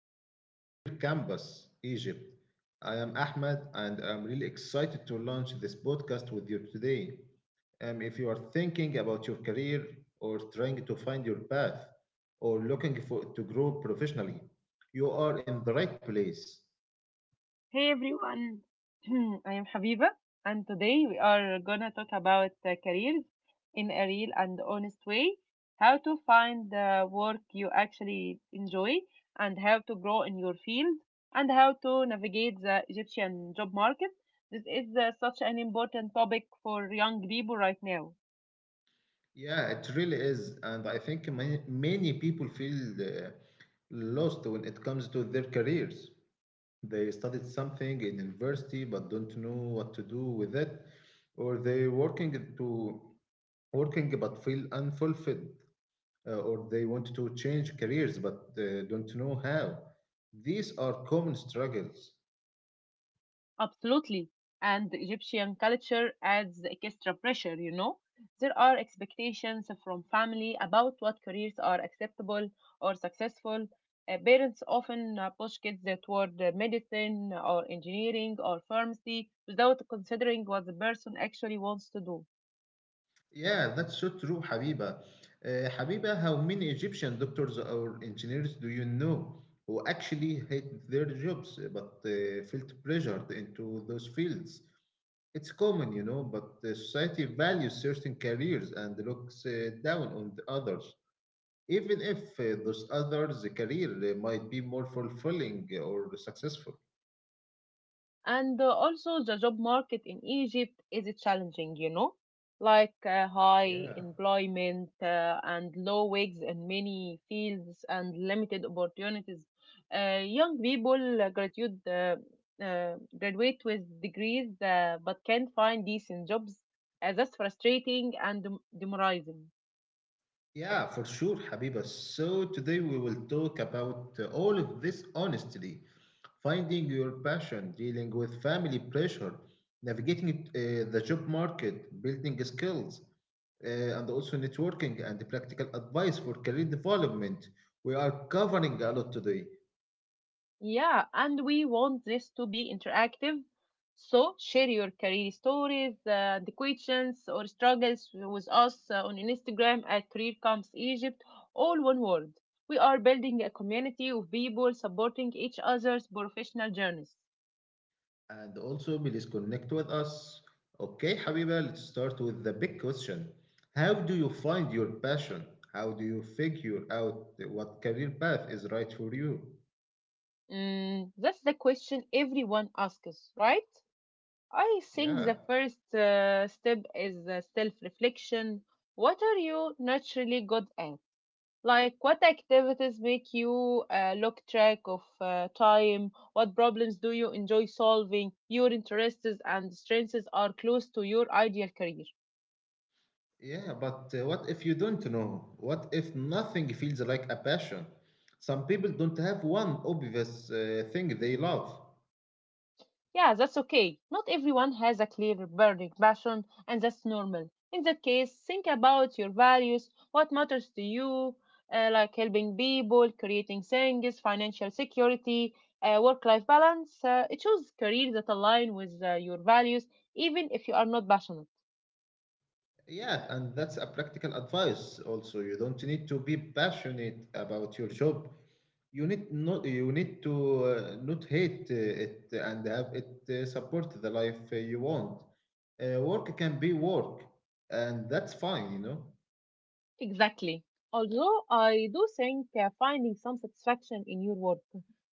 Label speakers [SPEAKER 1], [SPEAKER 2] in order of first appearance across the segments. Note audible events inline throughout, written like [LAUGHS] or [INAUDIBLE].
[SPEAKER 1] welcome to Career Campus Egypt. I am Ahmed and I'm really excited to launch this podcast with you today. If you are thinking about your career or trying to find your path or looking for to grow professionally, you are in the right place.
[SPEAKER 2] Hey everyone, [CLEARS THROAT] I am Habiba, and today we are gonna talk about careers in a real and honest way, how to find the work you actually enjoy, and how to grow in your field, and how to navigate the Egyptian job market. This is such an important topic for young people right now.
[SPEAKER 1] Yeah, it really is, and I think many, many people feel lost when it comes to their careers. They studied something in university but don't know what to do with it, or they working but feel unfulfilled, or they want to change careers but don't know how. These are common struggles.
[SPEAKER 2] Absolutely. And the Egyptian culture adds the extra pressure, you know. There are expectations from family about what careers are acceptable or successful. Parents often push kids toward medicine or engineering or pharmacy without considering what the person actually wants to do.
[SPEAKER 1] Yeah, that's so true, Habiba. Habiba, how many Egyptian doctors or engineers do you know who actually hate their jobs but felt pressured into those fields? It's common, but the society values certain careers and looks down on the others, even if those others' career might be more fulfilling or successful.
[SPEAKER 2] And also, the job market in Egypt is challenging, you know, like high
[SPEAKER 1] Yeah.
[SPEAKER 2] employment and low wages in many fields and limited opportunities. Young people graduate, graduate with degrees but can't find decent jobs. That's frustrating and demoralizing.
[SPEAKER 1] Yeah, for sure, Habiba. So today we will talk about all of this honestly, finding your passion, dealing with family pressure, navigating the job market, building skills, uh, and also networking and practical advice for career development. We are covering a lot today.
[SPEAKER 2] Yeah, and we want this to be interactive. So share your career stories, the questions or struggles with us on Instagram at Career Camps Egypt, all one word. We are building a community of people supporting each other's professional journeys.
[SPEAKER 1] And also please connect with us. Okay, Habiba, let's start with the big question. How do you find your passion? How do you figure out what career path is right for you?
[SPEAKER 2] Mm, that's the question everyone asks, right? I think
[SPEAKER 1] Yeah,
[SPEAKER 2] the first step is self-reflection. What are you naturally good at? Like, what activities make you look track of time? What problems do you enjoy solving? Your interests and strengths are close to your ideal career.
[SPEAKER 1] yeah, but what if you don't know? What if nothing feels like a passion? Some people don't have one obvious thing they love.
[SPEAKER 2] Yeah, that's okay. Not everyone has a clear burning passion, and that's normal. In that case, think about your values, what matters to you, like helping people, creating things, financial security, work life balance. Choose careers that align with your values, even if you are not passionate.
[SPEAKER 1] Yeah, and that's a practical advice also. You don't need to be passionate about your job. You need to not hate it and have it support the life you want. Work can be work, and that's fine.
[SPEAKER 2] Exactly. Although I do think finding some satisfaction in your work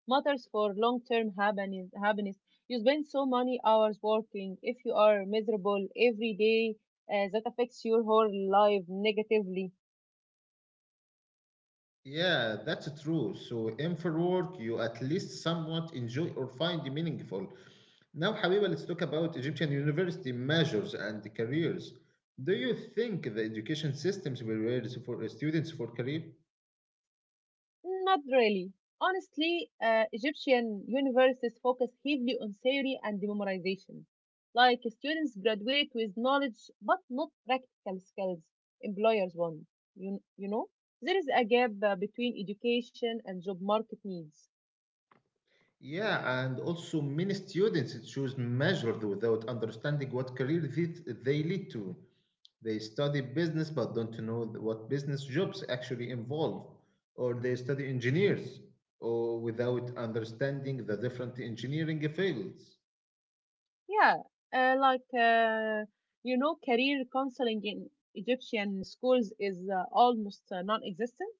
[SPEAKER 2] matters for long term happiness. You spend so many hours working. If you are miserable every day, that affects your whole life negatively.
[SPEAKER 1] Yeah, that's true, so aim for work you at least somewhat enjoy or find meaningful. Now, حبيبة, let's talk about Egyptian university measures and careers. Do you think the education systems will raise for students for career?
[SPEAKER 2] Not really. Honestly, Egyptian universities focus heavily on theory and memorization. Like students graduate with knowledge but not practical skills employers want. You know, there is a gap between education and job market needs.
[SPEAKER 1] Yeah, and also many students choose majors without understanding what career they lead to. They study business but don't know what business jobs actually involve, or they study engineers or without understanding the different engineering fields.
[SPEAKER 2] Yeah, uh, like, uh, you know, career counseling in Egyptian schools is almost non existent.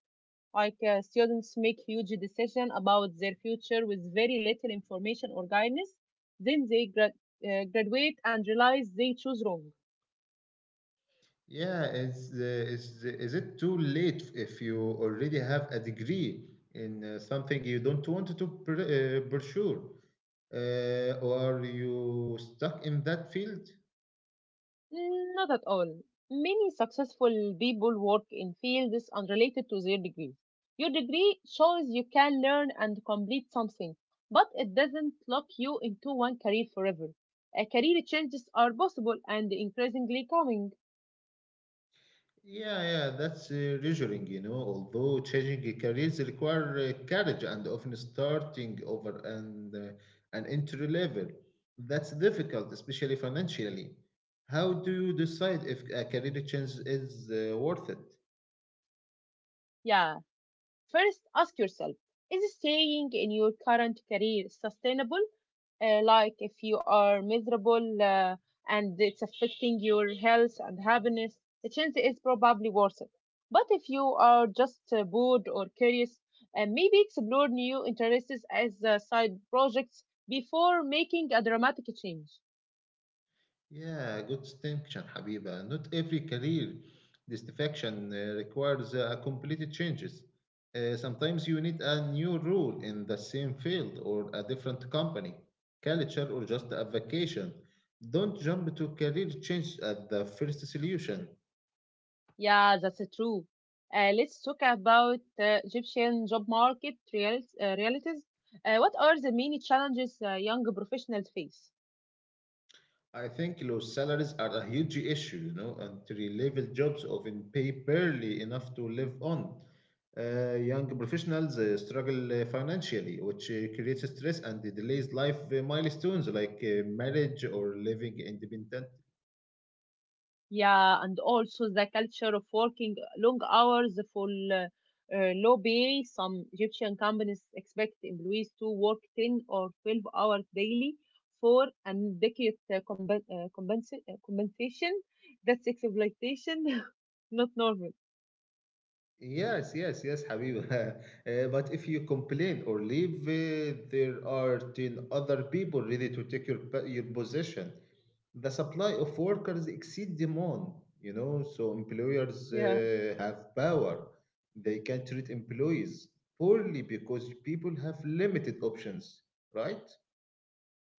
[SPEAKER 2] Like students make huge decisions about their future with very little information or guidance, then they graduate and realize they choose wrong.
[SPEAKER 1] Yeah, is it too late if you already have a degree in something you don't want to pursue, or you stuck in that field?
[SPEAKER 2] Mm, not at all. Many successful people work in fields unrelated to their degree. Your degree shows you can learn and complete something, but it doesn't lock you into one career forever. A career changes are possible and increasingly coming.
[SPEAKER 1] Yeah, yeah, that's reassuring. Although changing careers require courage and often starting over and an entry level, that's difficult, especially financially. How do you decide if a career change is worth it?
[SPEAKER 2] Yeah. First, ask yourself, is staying in your current career sustainable? Like if you are miserable and it's affecting your health and happiness, the chance is probably worth it. But if you are just bored or curious, maybe explore new interests as side projects before making a dramatic change.
[SPEAKER 1] Yeah, good distinction, Habiba. Not every career distinction requires a complete changes. Sometimes you need a new role in the same field or a different company, culture, or just a vacation. Don't jump to career change at the first solution.
[SPEAKER 2] Yeah, that's true. Let's talk about Egyptian job market realities. What are the many challenges young professionals face?
[SPEAKER 1] I think low salaries are a huge issue. Entry level jobs often pay barely enough to live on. Young professionals struggle financially, which creates stress and delays life milestones like marriage or living independent.
[SPEAKER 2] Yeah, and also the culture of working long hours for uh, low pay. Some Egyptian companies expect employees to work 10 or 12 hours daily for an adequate compensation. That's exploitation, [LAUGHS] not normal.
[SPEAKER 1] Yes, yes, yes, Habib. [LAUGHS] But if you complain or leave, there are 10 other people ready to take your position. The supply of workers exceed demand, so employers
[SPEAKER 2] Yeah.
[SPEAKER 1] have power. They can treat employees poorly because people have limited options, right?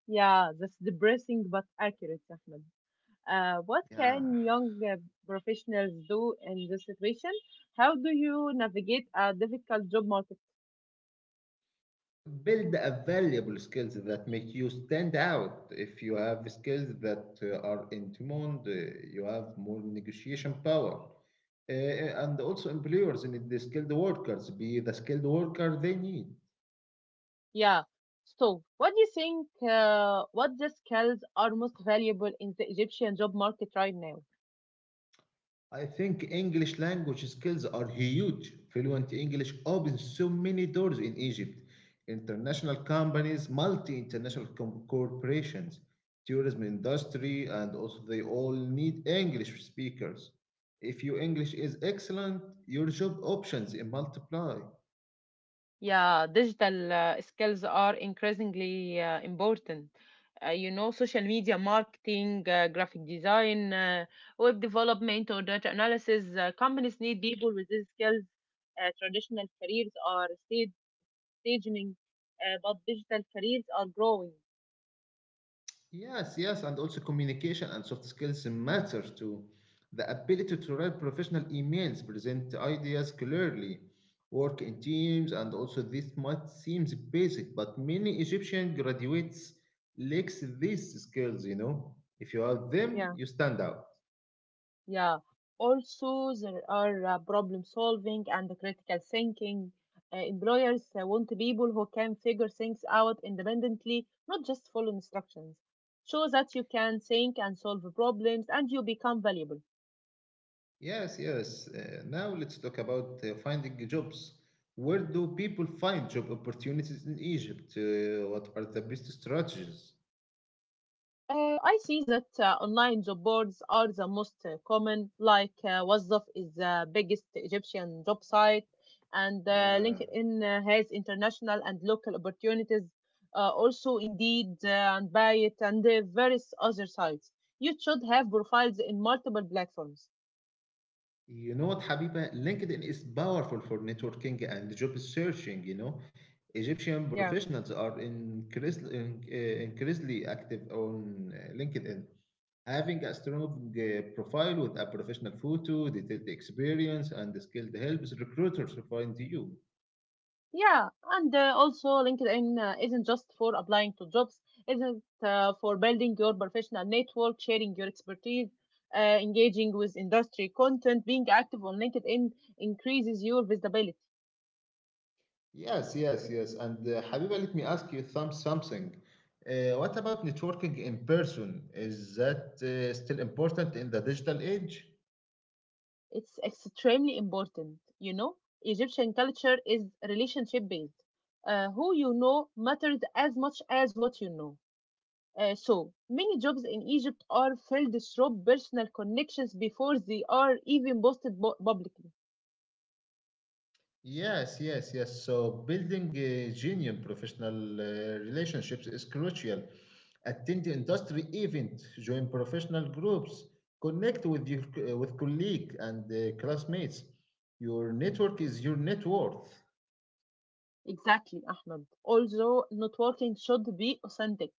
[SPEAKER 2] Yeah, that's depressing but accurate, Ahmed. What
[SPEAKER 1] Yeah,
[SPEAKER 2] can young professionals do in this situation? How do you navigate a difficult job market?
[SPEAKER 1] build a valuable skills that make you stand out if you have skills that are in demand you have more negotiation power. And also employers need the skilled workers be the skilled worker they need.
[SPEAKER 2] Yeah. So, what do you think? What the skills are most valuable in the Egyptian job market right now?
[SPEAKER 1] I think English language skills are huge. Fluent English opens so many doors in Egypt. International companies, multi-international corporations, tourism industry, and also they all need English speakers. If your English is excellent, your job options multiply.
[SPEAKER 2] Yeah, digital skills are increasingly important. You know, social media marketing, graphic design, web development, or data analysis. Companies need people with these skills. Traditional careers are staging, but digital careers are growing.
[SPEAKER 1] Yes, yes, and also communication and soft skills matter too. The ability to write professional emails, present ideas clearly, work in teams, and also this might seems basic, but many Egyptian graduates lacks these skills. If you have them,
[SPEAKER 2] Yeah.
[SPEAKER 1] you stand out.
[SPEAKER 2] Yeah. Also, there are problem solving and critical thinking. Employers want people who can figure things out independently, not just follow instructions. Show that you can think and solve problems and you become valuable.
[SPEAKER 1] Yes, yes. Now let's talk about finding jobs. Where do people find job opportunities in Egypt? What are the best strategies?
[SPEAKER 2] I see that online job boards are the most common, like Wazdaf is the biggest Egyptian job site, and
[SPEAKER 1] Yeah.
[SPEAKER 2] LinkedIn has international and local opportunities, also Indeed and Byte and various other sites. You should have profiles in multiple platforms.
[SPEAKER 1] You know what, Habiba? LinkedIn is powerful for networking and job searching. Egyptian
[SPEAKER 2] Yeah.
[SPEAKER 1] professionals are increasingly active on LinkedIn. Having a strong profile with a professional photo, detailed experience, and the skilled helps recruiters find you.
[SPEAKER 2] Yeah, and also LinkedIn isn't just for applying to jobs, isn't for building your professional network, sharing your expertise, engaging with industry content. Being active on LinkedIn increases your visibility.
[SPEAKER 1] Yes, yes, yes. And Habiba, let me ask you something. What about networking in person? Is that still important in the digital age?
[SPEAKER 2] It's extremely important, you know. Egyptian culture is relationship based. Who you know matters as much as what you know. So many jobs in Egypt are filled through personal connections before they are even posted publicly.
[SPEAKER 1] Yes, yes, yes. So building genuine professional relationships is crucial. Attend the industry event, join professional groups, connect with colleague and classmates. Your network is your net worth.
[SPEAKER 2] Exactly, Ahmed. Also, networking should be authentic.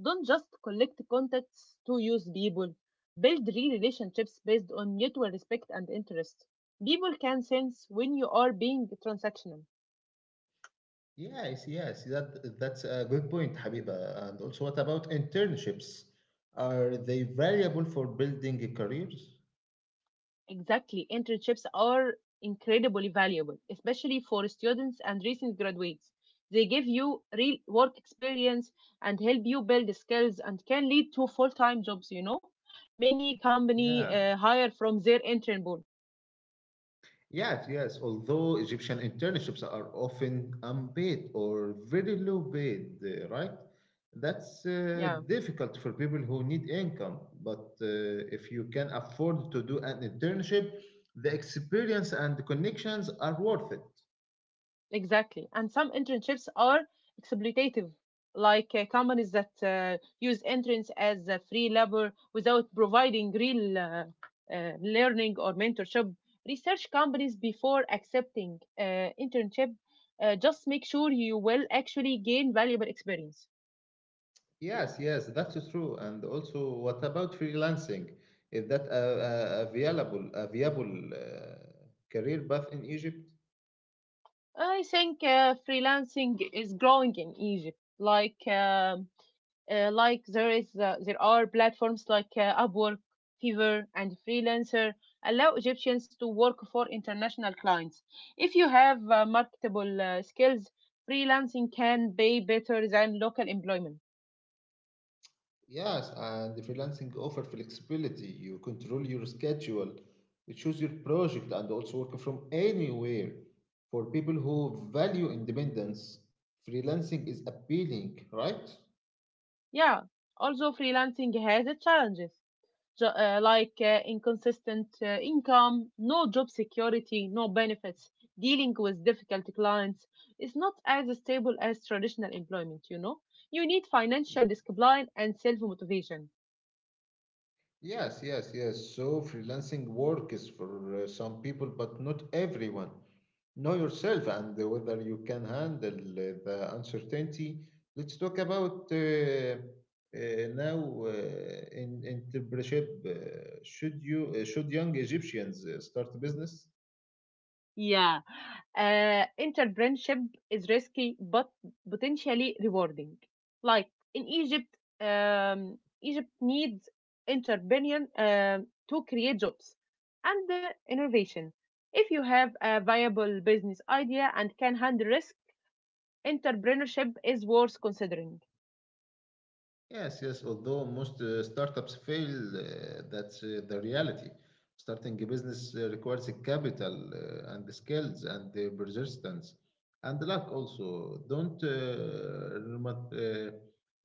[SPEAKER 2] Don't just collect contacts to use people. Build real relationships based on mutual respect and interest. People can sense when you are being transactional.
[SPEAKER 1] Yes, yes. That's a good point, Habiba. And also, what about internships? Are they valuable for building careers?
[SPEAKER 2] Exactly, internships are incredibly valuable, especially for students and recent graduates. They give you real work experience and help you build skills and can lead to full time jobs, you know. Many company
[SPEAKER 1] Yeah.
[SPEAKER 2] hire from their intern pool.
[SPEAKER 1] Yes, yes. Although Egyptian internships are often unpaid or very low paid, right? That's
[SPEAKER 2] Yeah,
[SPEAKER 1] difficult for people who need income. But if you can afford to do an internship, the experience and the connections are worth it.
[SPEAKER 2] exactly. And some internships are exploitative, like companies that use interns as free labor without providing real learning or mentorship. Research companies before accepting internship, just make sure you will actually gain valuable experience.
[SPEAKER 1] Yes, yes, that's true. And also, what about freelancing? Is that a viable career path in Egypt?
[SPEAKER 2] I think freelancing is growing in Egypt, like. There are platforms like Upwork, Fiverr, and Freelancer allow Egyptians to work for international clients. If you have marketable skills, freelancing can pay better than local employment.
[SPEAKER 1] Yes, and the freelancing offer flexibility. You control your schedule, you choose your project, and also work from anywhere. For people who value independence, freelancing is appealing, right?
[SPEAKER 2] Yeah, also freelancing has its challenges. Like inconsistent income, no job security, no benefits. Dealing with difficult clients is not as stable as traditional employment, you know. You need financial discipline and self motivation.
[SPEAKER 1] Yes, yes, yes. So freelancing work is for some people, but not everyone. Know yourself and whether you can handle the uncertainty. Let's talk about now in entrepreneurship. Should young Egyptians start a business?
[SPEAKER 2] Yeah. Entrepreneurship is risky but potentially rewarding. Like in Egypt, Egypt needs entrepreneur to create jobs and innovation. If you have a viable business idea and can handle risk, entrepreneurship is worth considering.
[SPEAKER 1] Yes, yes. Although most startups fail, that's the reality. Starting a business requires a capital and the skills and the persistence and the luck also. Don't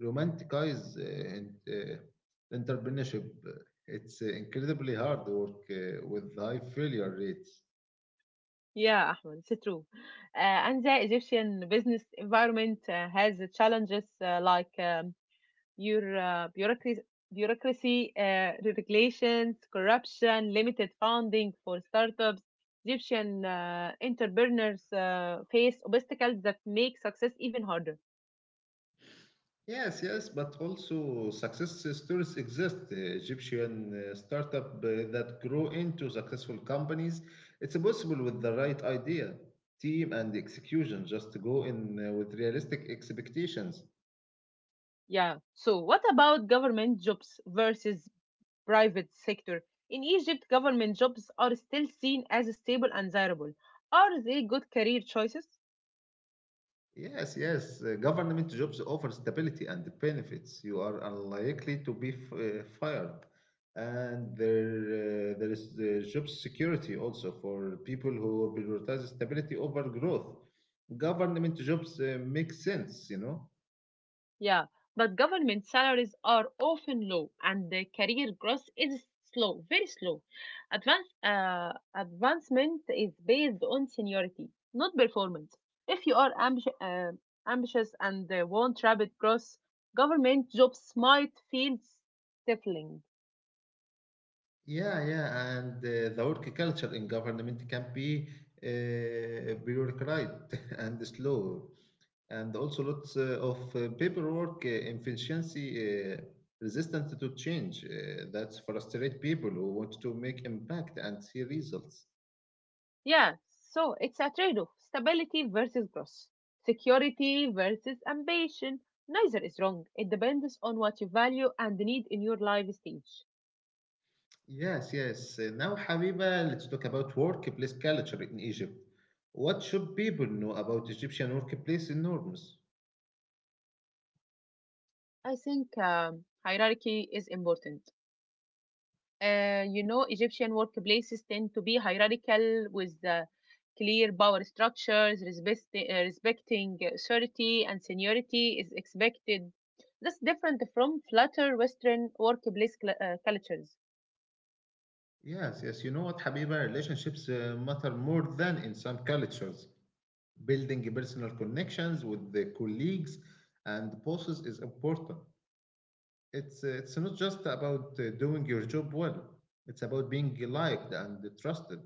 [SPEAKER 1] romanticize entrepreneurship. It's incredibly hard work with high failure rates.
[SPEAKER 2] Yeah, Ahmed, it's true. And the Egyptian business environment has challenges like your uh, bureaucracy, bureaucracy regulations, corruption, limited funding for startups. Egyptian entrepreneurs face obstacles that make success even harder.
[SPEAKER 1] Yes, yes, but also success stories exist. Egyptian startup that grow into successful companies. It's possible with the right idea, team, and execution. Just go in with realistic expectations.
[SPEAKER 2] Yeah. So, what about government jobs versus private sector? In Egypt, government jobs are still seen as stable and desirable. Are they good career choices?
[SPEAKER 1] Yes, yes. Government jobs offer stability and benefits. You are unlikely to be fired. And there is the job security also for people who prioritize stability over growth. Government jobs make sense, you know?
[SPEAKER 2] Yeah, but government salaries are often low and the career growth is slow, very slow. Advancement is based on seniority, not performance. If you are ambitious and want rapid growth, government jobs might feel stifling.
[SPEAKER 1] Yeah, yeah. And the work culture in government can be bureaucratic [LAUGHS] and slow. And also lots of paperwork efficiency resistant to change that frustrate people who want to make impact and see results.
[SPEAKER 2] Yeah, so it's a trade off, stability versus growth, security versus ambition. Neither is wrong. It depends on what you value and need in your life stage.
[SPEAKER 1] Yes, yes. Now, Habiba, let's talk about workplace culture in Egypt. What should people know about Egyptian workplace norms?
[SPEAKER 2] I think hierarchy is important. You know, Egyptian workplaces tend to be hierarchical with clear power structures, respecting authority and seniority is expected. That's different from flatter Western workplace cultures.
[SPEAKER 1] Yes, yes. You know what, Habiba? Relationships matter more than in some cultures. Building personal connections with the colleagues and bosses is important. It's not just about doing your job well. It's about being liked and trusted.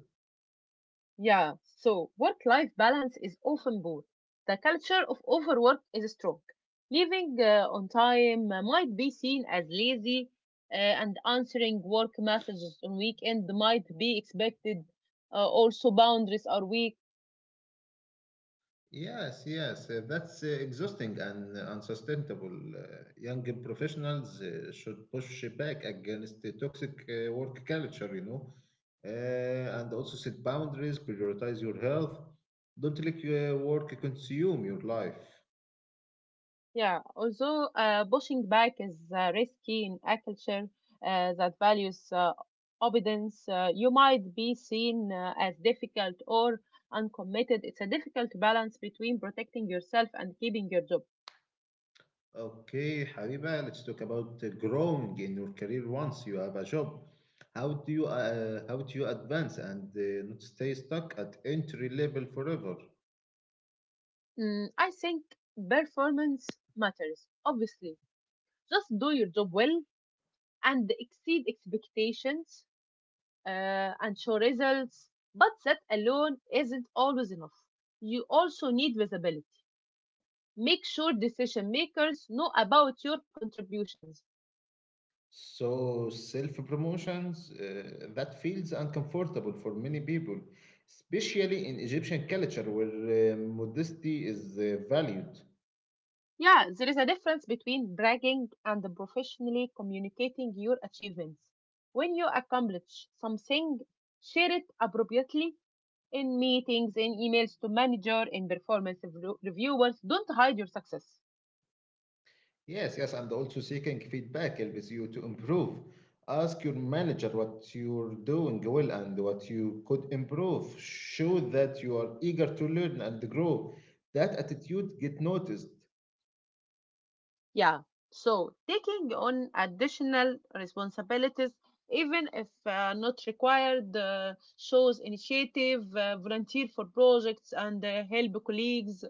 [SPEAKER 2] Yeah, so work life balance is often poor. The culture of overwork is strong. Leaving on time might be seen as lazy, and answering work messages on weekend might be expected. Also, boundaries are weak.
[SPEAKER 1] Yes, yes, that's exhausting and unsustainable. Uh, young professionals should push back against the toxic work culture, and also set boundaries, prioritize your health. Don't let your work consume your life.
[SPEAKER 2] Yeah, although pushing back is risky in a culture that values obedience, you might be seen as difficult or uncommitted. It's a difficult balance between protecting yourself and keeping your job.
[SPEAKER 1] Okay, Habiba, let's talk about growing in your career once you have a job. How do you advance and not stay stuck at entry level forever?
[SPEAKER 2] Mm, I think performance matters, obviously. Just do your job well and exceed expectations and show results, but that alone isn't always enough. You also need visibility. Make sure decision makers know about your contributions.
[SPEAKER 1] So self promotions that feels uncomfortable for many people, especially in Egyptian culture where modesty is valued.
[SPEAKER 2] Yeah, there is a difference between bragging and professionally communicating your achievements. When you accomplish something, share it appropriately in meetings, in emails to manager, in performance reviewers. Don't hide your success.
[SPEAKER 1] Yes, yes, and also seeking feedback helps you to improve. Ask your manager what you're doing well and what you could improve. Show that you are eager to learn and grow. That attitude get noticed.
[SPEAKER 2] Yeah. So taking on additional responsibilities, even if not required, shows initiative, volunteer for projects, and help colleagues.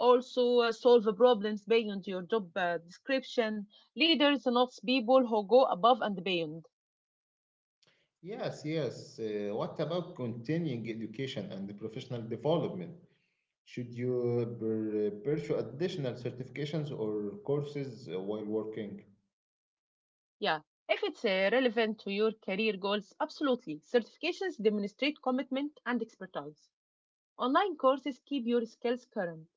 [SPEAKER 2] Also, solve the problems beyond your job description. Leaders not people who go above and beyond.
[SPEAKER 1] Yes, yes. What about continuing education and professional development? Should you pursue additional certifications or courses while working?
[SPEAKER 2] Yeah. If it's relevant to your career goals, absolutely. Certifications demonstrate commitment and expertise. Online courses keep your skills current.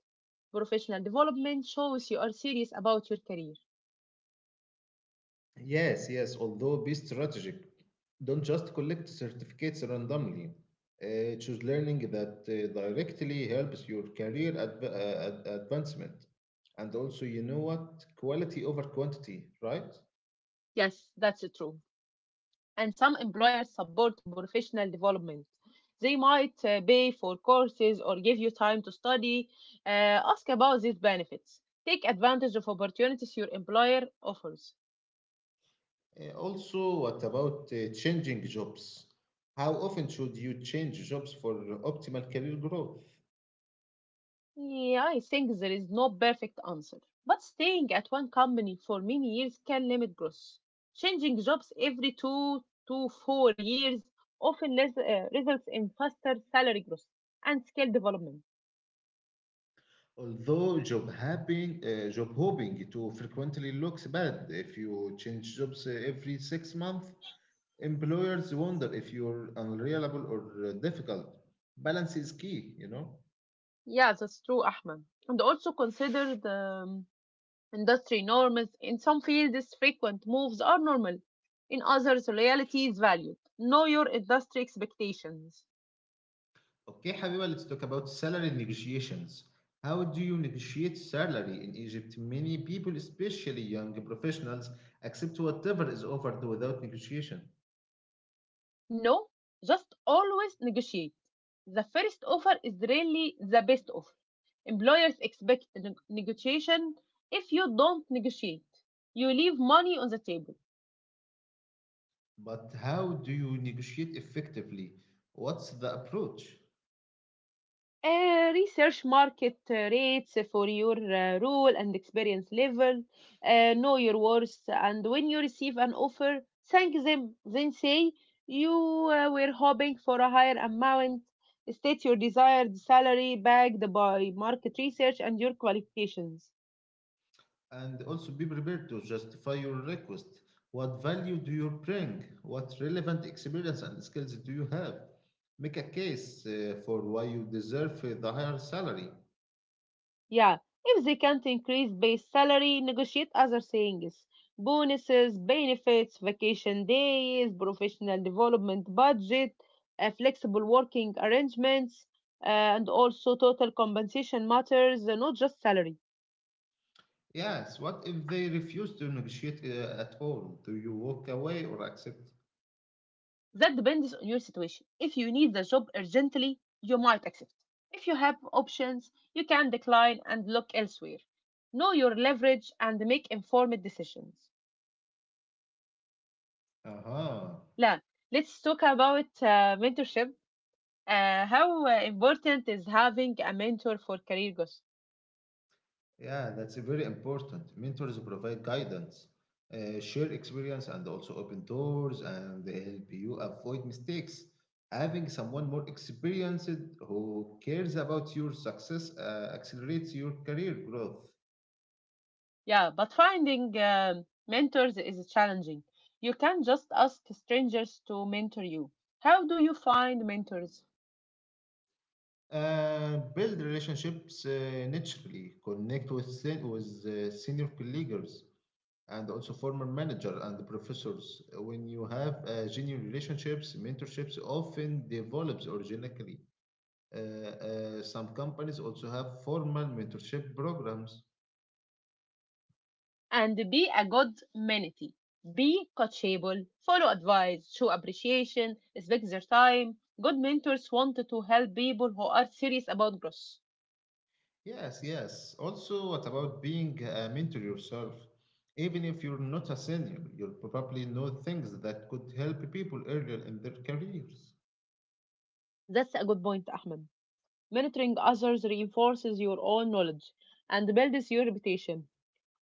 [SPEAKER 2] Professional development shows you are serious about your career.
[SPEAKER 1] Yes, yes, although be strategic. Don't just collect certificates randomly. Choose learning that directly helps your career advancement. And also, you know what? Quality over quantity, right?
[SPEAKER 2] Yes, that's true. And some employers support professional development. They might pay for courses or give you time to study. Ask about these benefits. Take advantage of opportunities your employer offers.
[SPEAKER 1] Also, what about changing jobs? How often should you change jobs for optimal career growth?
[SPEAKER 2] Yeah, I think there is no perfect answer, but staying at one company for many years can limit growth. Changing jobs every 2 to 4 years often results in faster salary growth and skill development.
[SPEAKER 1] Although job hopping too frequently looks bad if you change jobs every 6 months. Employers wonder if you're unreliable or difficult. Balance is key.
[SPEAKER 2] Yeah, that's true, Ahmed. And also consider the um, industry norms. In some fields, frequent moves are normal. In others, loyalty is valued. Know your industry expectations.
[SPEAKER 1] Okay, Habiba, let's talk about salary negotiations. How do you negotiate salary in Egypt? Many people, especially young professionals, accept whatever is offered without negotiation.
[SPEAKER 2] No, just always negotiate. The first offer is really the best offer. Employers expect negotiation. If you don't negotiate, you leave money on the table.
[SPEAKER 1] But how do you negotiate effectively? What's the approach?
[SPEAKER 2] Research market rates for your role and experience level. Know your worth, and when you receive an offer, thank them, then say you were hoping for a higher amount. State your desired salary backed by market research and your qualifications.
[SPEAKER 1] And also be prepared to justify your request. What value do you bring? What relevant experience and skills do you have? Make a case for why you deserve the higher salary.
[SPEAKER 2] Yeah, if they can't increase base salary, negotiate other things. Bonuses, benefits, vacation days, professional development budget, flexible working arrangements, uh, and also total compensation matters, not just salary.
[SPEAKER 1] Yes, what if they refuse to negotiate at all? Do you walk away or accept?
[SPEAKER 2] That depends on your situation. If you need the job urgently, you might accept. If you have options, you can decline and look elsewhere. Know your leverage and make informed decisions.
[SPEAKER 1] Aha.
[SPEAKER 2] لا, let's talk about mentorship. How important is having a mentor for career goals?
[SPEAKER 1] Yeah, that's very important. Mentors provide guidance, share experience, and also open doors, and they help you avoid mistakes. Having someone more experienced who cares about your success accelerates your career growth.
[SPEAKER 2] Yeah, but finding mentors is challenging. You can't just ask strangers to mentor you. How do you find mentors?
[SPEAKER 1] Build relationships naturally, connect with, with senior colleagues and also former manager and professors. When you have genuine relationships, mentorships often develops organically. Some companies also have formal mentorship programs.
[SPEAKER 2] And be a good mentee. Be coachable, follow advice, show appreciation, respect their time. Good mentors want to help people who are serious about growth.
[SPEAKER 1] Yes, yes. Also, what about being a mentor yourself? Even if you're not a senior, you'll probably know things that could help people earlier in their careers.
[SPEAKER 2] That's a good point, Ahmed. Mentoring others reinforces your own knowledge and builds your reputation.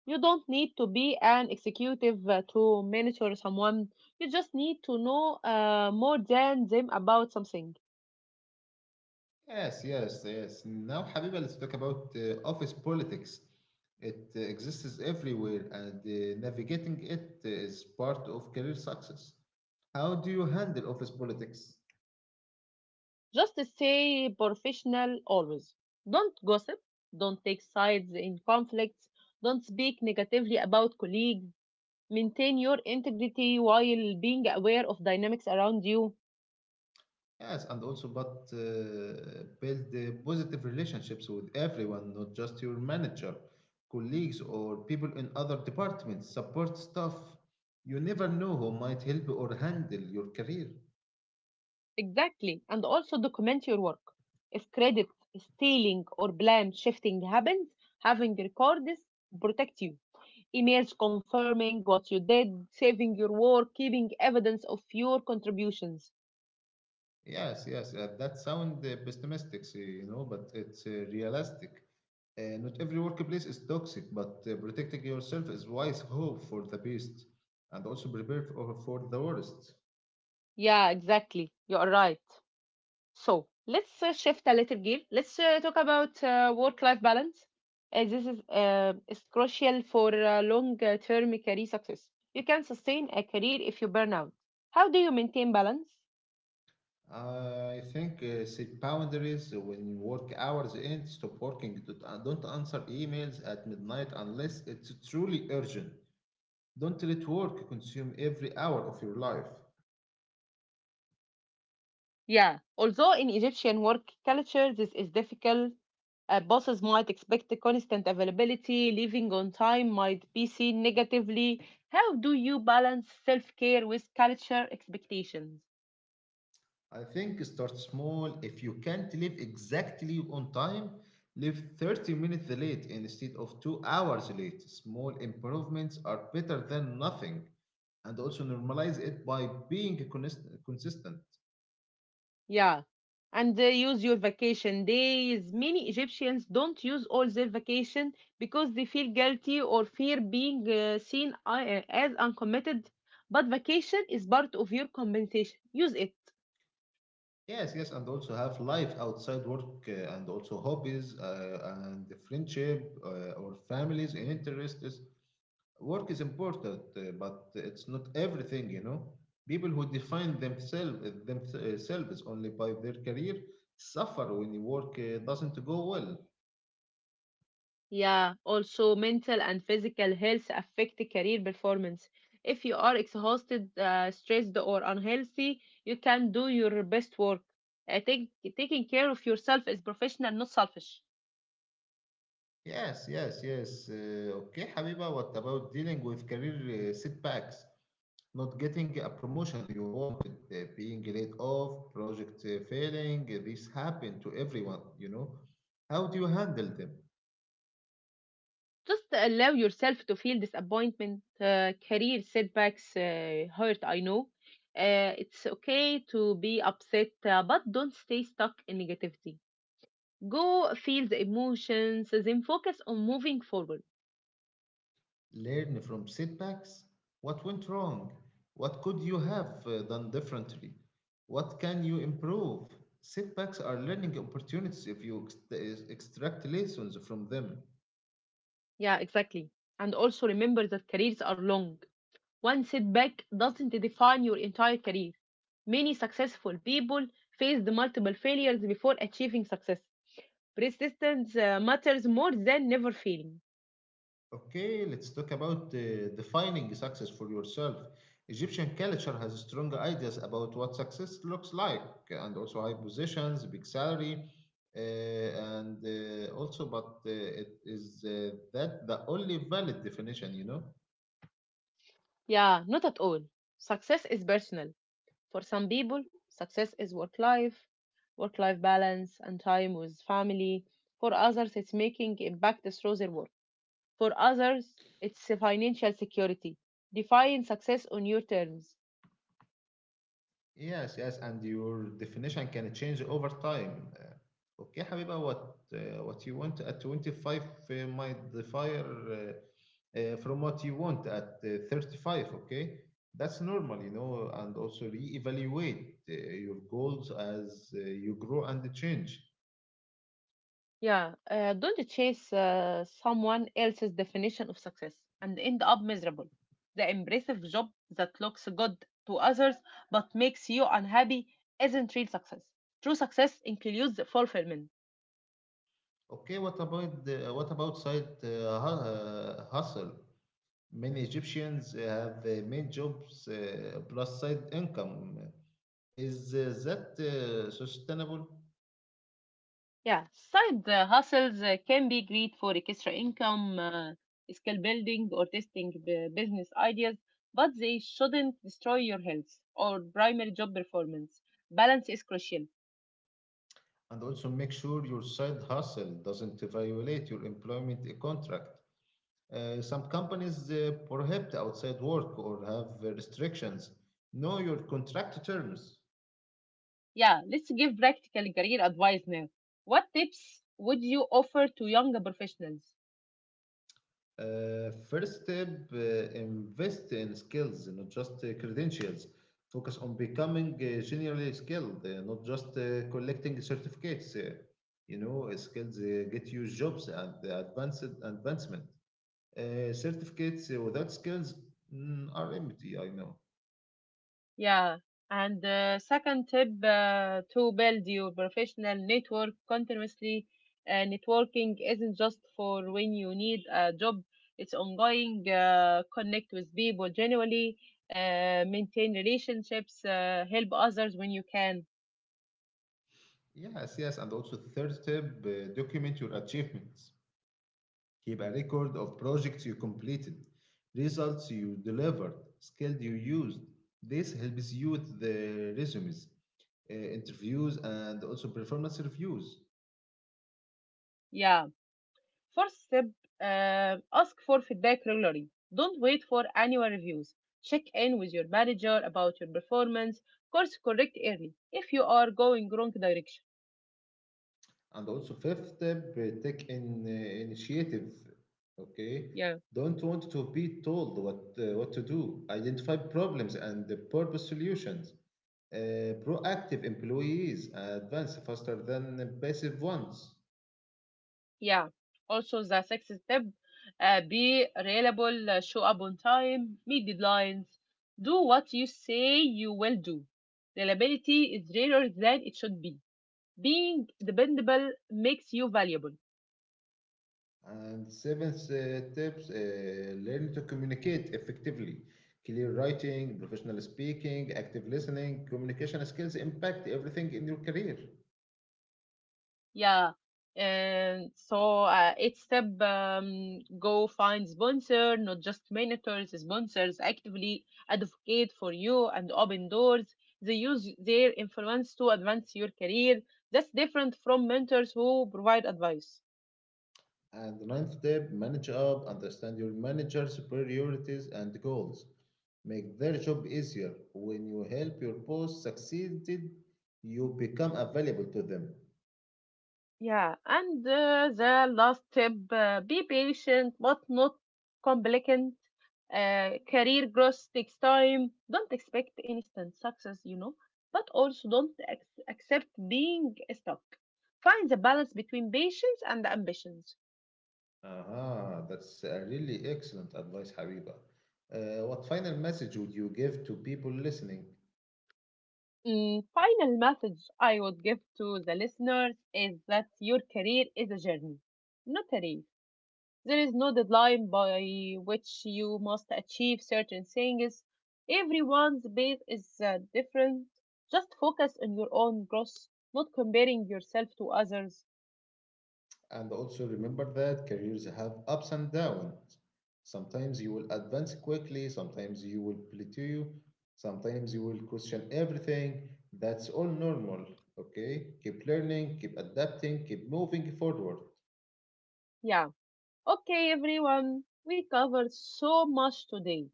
[SPEAKER 2] You don't need to be an executive to monitor someone. You just need to know more than them about something.
[SPEAKER 1] Yes, yes, yes. Now, Habiba, let's talk about office politics. It exists everywhere, and navigating it is part of career success. How do you handle office politics?
[SPEAKER 2] Just stay professional always. Don't gossip. Don't take sides in conflicts. Don't speak negatively about colleagues. Maintain your integrity while being aware of dynamics around you.
[SPEAKER 1] Yes, and also, but build positive relationships with everyone, not just your manager, colleagues, or people in other departments, support staff. You never know who might help or handle your career.
[SPEAKER 2] Exactly. And also document your work. If credit stealing or blame shifting happens, having records protect you, emails confirming what you did, saving your work, keeping evidence of your contributions.
[SPEAKER 1] Yes, yes, that sounds pessimistic, see, but it's realistic. Not every workplace is toxic, but protecting yourself is wise, hope for the best, and also prepare for the worst.
[SPEAKER 2] Yeah, exactly. You're right. So let's shift a little gear. Let's talk about work life balance, as this is crucial for long term career success. You can sustain a career if you burn out. How do you maintain balance?
[SPEAKER 1] I think set boundaries when work hours end. Stop working. Don't answer emails at midnight unless it's truly urgent. Don't let work consume every hour of your life.
[SPEAKER 2] Yeah, although in Egyptian work culture this is difficult, bosses might expect the constant availability, leaving on time might be seen negatively. How do you balance self care with culture expectations?
[SPEAKER 1] I think start small. If you can't live exactly on time, live 30 minutes late instead of 2 hours late. Small improvements are better than nothing. And also normalize it by being consistent.
[SPEAKER 2] Yeah, and use your vacation days. Many Egyptians don't use all their vacation because they feel guilty or fear being seen as uncommitted. But vacation is part of your compensation. Use it.
[SPEAKER 1] Yes, yes, and also have life outside work and also hobbies and the friendship or families and interests. Work is important, but it's not everything. People who define themselves only by their career suffer when the work doesn't go well.
[SPEAKER 2] Yeah, also mental and physical health affect career performance. If you are exhausted, stressed, or unhealthy, you can do your best work. I think taking care of yourself is professional, not selfish.
[SPEAKER 1] Yes, yes, yes. Okay, Habiba, what about dealing with career setbacks? Not getting a promotion you wanted, being laid off, project failing, this happened to everyone. How do you handle them?
[SPEAKER 2] Just allow yourself to feel disappointment. Career setbacks, hurt, I know. It's okay to be upset, but don't stay stuck in negativity. Go feel the emotions, then focus on moving forward.
[SPEAKER 1] Learn from setbacks? What went wrong? What could you have done differently? What can you improve? Setbacks are learning opportunities if you extract lessons from them.
[SPEAKER 2] Yeah, exactly. And also remember that careers are long. One setback doesn't define your entire career. Many successful people faced multiple failures before achieving success. Persistence matters more than never failing.
[SPEAKER 1] Okay, let's talk about defining success for yourself. Egyptian culture has strong ideas about what success looks like, and also high positions, big salary, but it is that the only valid definition, you know?
[SPEAKER 2] Yeah, not at all. Success is personal. For some people, success is work life balance, and time with family. For others, it's making impact through their work. For others, it's a financial security. Define success on your terms.
[SPEAKER 1] Yes, yes, and your definition can change over time. Okay, Habiba, what you want at 25 might differ from what you want at 35. Okay, that's normal, you know, and also reevaluate your goals as you grow and change.
[SPEAKER 2] Yeah, don't chase someone else's definition of success and end up miserable. The impressive job that looks good to others but makes you unhappy isn't real success. True success includes fulfillment.
[SPEAKER 1] Okay, what about side hustle? Many Egyptians have main jobs plus side income. Is that sustainable?
[SPEAKER 2] Yeah, side hustles can be great for extra income, skill building, or testing business ideas, but they shouldn't destroy your health or primary job performance. Balance is crucial.
[SPEAKER 1] And also make sure your side hustle doesn't violate your employment contract. Some companies prohibit outside work or have restrictions. Know your contract terms.
[SPEAKER 2] Yeah, let's give practical career advice now. What tips would you offer to younger professionals?
[SPEAKER 1] First step, uh, invest in skills, not just credentials. Focus on becoming generally skilled, not just collecting certificates. Skills get you jobs and advanced advancement. Certificates without skills, are empty, I know.
[SPEAKER 2] Yeah. And the second tip, to build your professional network continuously. Networking isn't just for when you need a job, it's ongoing. Connect with people generally, maintain relationships, help others when you can.
[SPEAKER 1] Yes, yes. And also, the third tip, document your achievements. Keep a record of projects you completed, results you delivered, skills you used. This helps you with the resumes, interviews, and also performance reviews.
[SPEAKER 2] Yeah. Fourth step, ask for feedback regularly. Don't wait for annual reviews. Check in with your manager about your performance. Course correct early if you are going wrong direction.
[SPEAKER 1] And also fifth step, take in initiative. Okay,
[SPEAKER 2] Yeah.
[SPEAKER 1] don't want to be told what to do. Identify problems and the purpose solutions. Uh, Proactive employees advance faster than passive ones.
[SPEAKER 2] Yeah. Also, the sixth step, be reliable, show up on time, meet deadlines, do what you say you will do. Reliability is rarer than it should be. Being dependable makes you valuable.
[SPEAKER 1] And seventh tips, learn to communicate effectively. Clear writing, professional speaking, active listening, communication skills impact everything in your career.
[SPEAKER 2] Yeah. And so each step, go find sponsor, not just mentors, sponsors actively advocate for you and open doors. They use their influence to advance your career. That's different from mentors who provide advice.
[SPEAKER 1] And the ninth step, manage up, understand your manager's priorities and goals. Make their job easier. When you help your boss succeed, you become available to them.
[SPEAKER 2] Yeah, and the last tip, be patient but not complacent. Career growth takes time. Don't expect instant success, you know, but also don't ac- accept being stuck. Find the balance between patience and ambitions.
[SPEAKER 1] Aha, that's a really excellent advice, Habiba. What final message would you give to people listening?
[SPEAKER 2] Mm, final message I would give to the listeners is that your career is a journey, not a race. There is no deadline by which you must achieve certain things. Everyone's path is different. Just focus on your own growth, not comparing yourself to others.
[SPEAKER 1] And also remember that careers have ups and downs. Sometimes you will advance quickly, sometimes you will plateau, sometimes you will question everything. That's all normal, okay? Keep learning, keep adapting, keep moving forward.
[SPEAKER 2] Yeah. Okay, everyone. We covered so much today.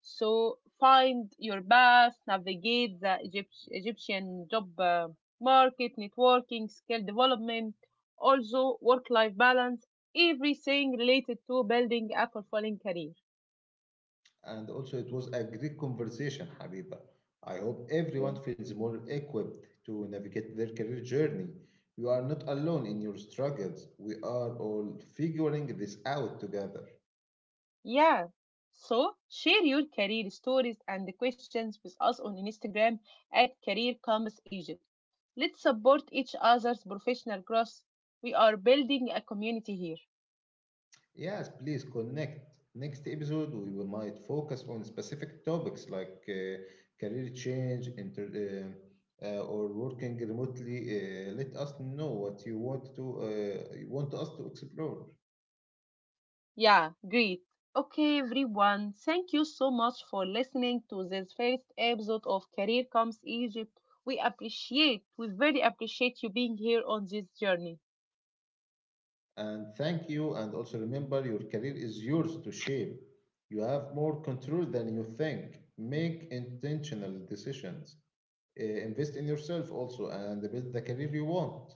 [SPEAKER 2] So find your path, navigate the Egyptian job market, networking, skill development, also work-life balance, everything related to building a fulfilling career.
[SPEAKER 1] And also, it was a great conversation, Habiba. I hope
[SPEAKER 2] Yeah.
[SPEAKER 1] everyone feels more equipped to navigate their career journey. You are not alone in your struggles. We are all figuring this out together.
[SPEAKER 2] Yeah. So share your career stories and the questions with us on Instagram at Career Compass Egypt. Let's support each other's professional growth. We are building a community here.
[SPEAKER 1] Yes, please connect. Next episode, might focus on specific topics like career change, or working remotely. Let us know what you want to, you want us to explore.
[SPEAKER 2] Yeah, great. Okay, everyone, thank you so much for listening to this first episode of Career Comes Egypt. We very appreciate you being here on this journey.
[SPEAKER 1] And thank you. And also remember, your career is yours to shape. You have more control than you think. Make intentional decisions. Invest in yourself also, and build the career you want.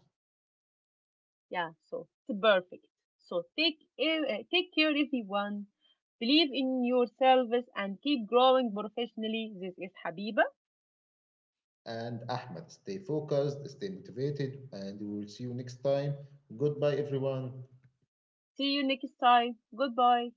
[SPEAKER 2] Yeah, so perfect. So take take care, everyone. Believe in yourselves and keep growing professionally. This is Habiba.
[SPEAKER 1] And Ahmed. Stay focused, stay motivated, and we will see you next time. Goodbye, everyone.
[SPEAKER 2] See you next time. Goodbye.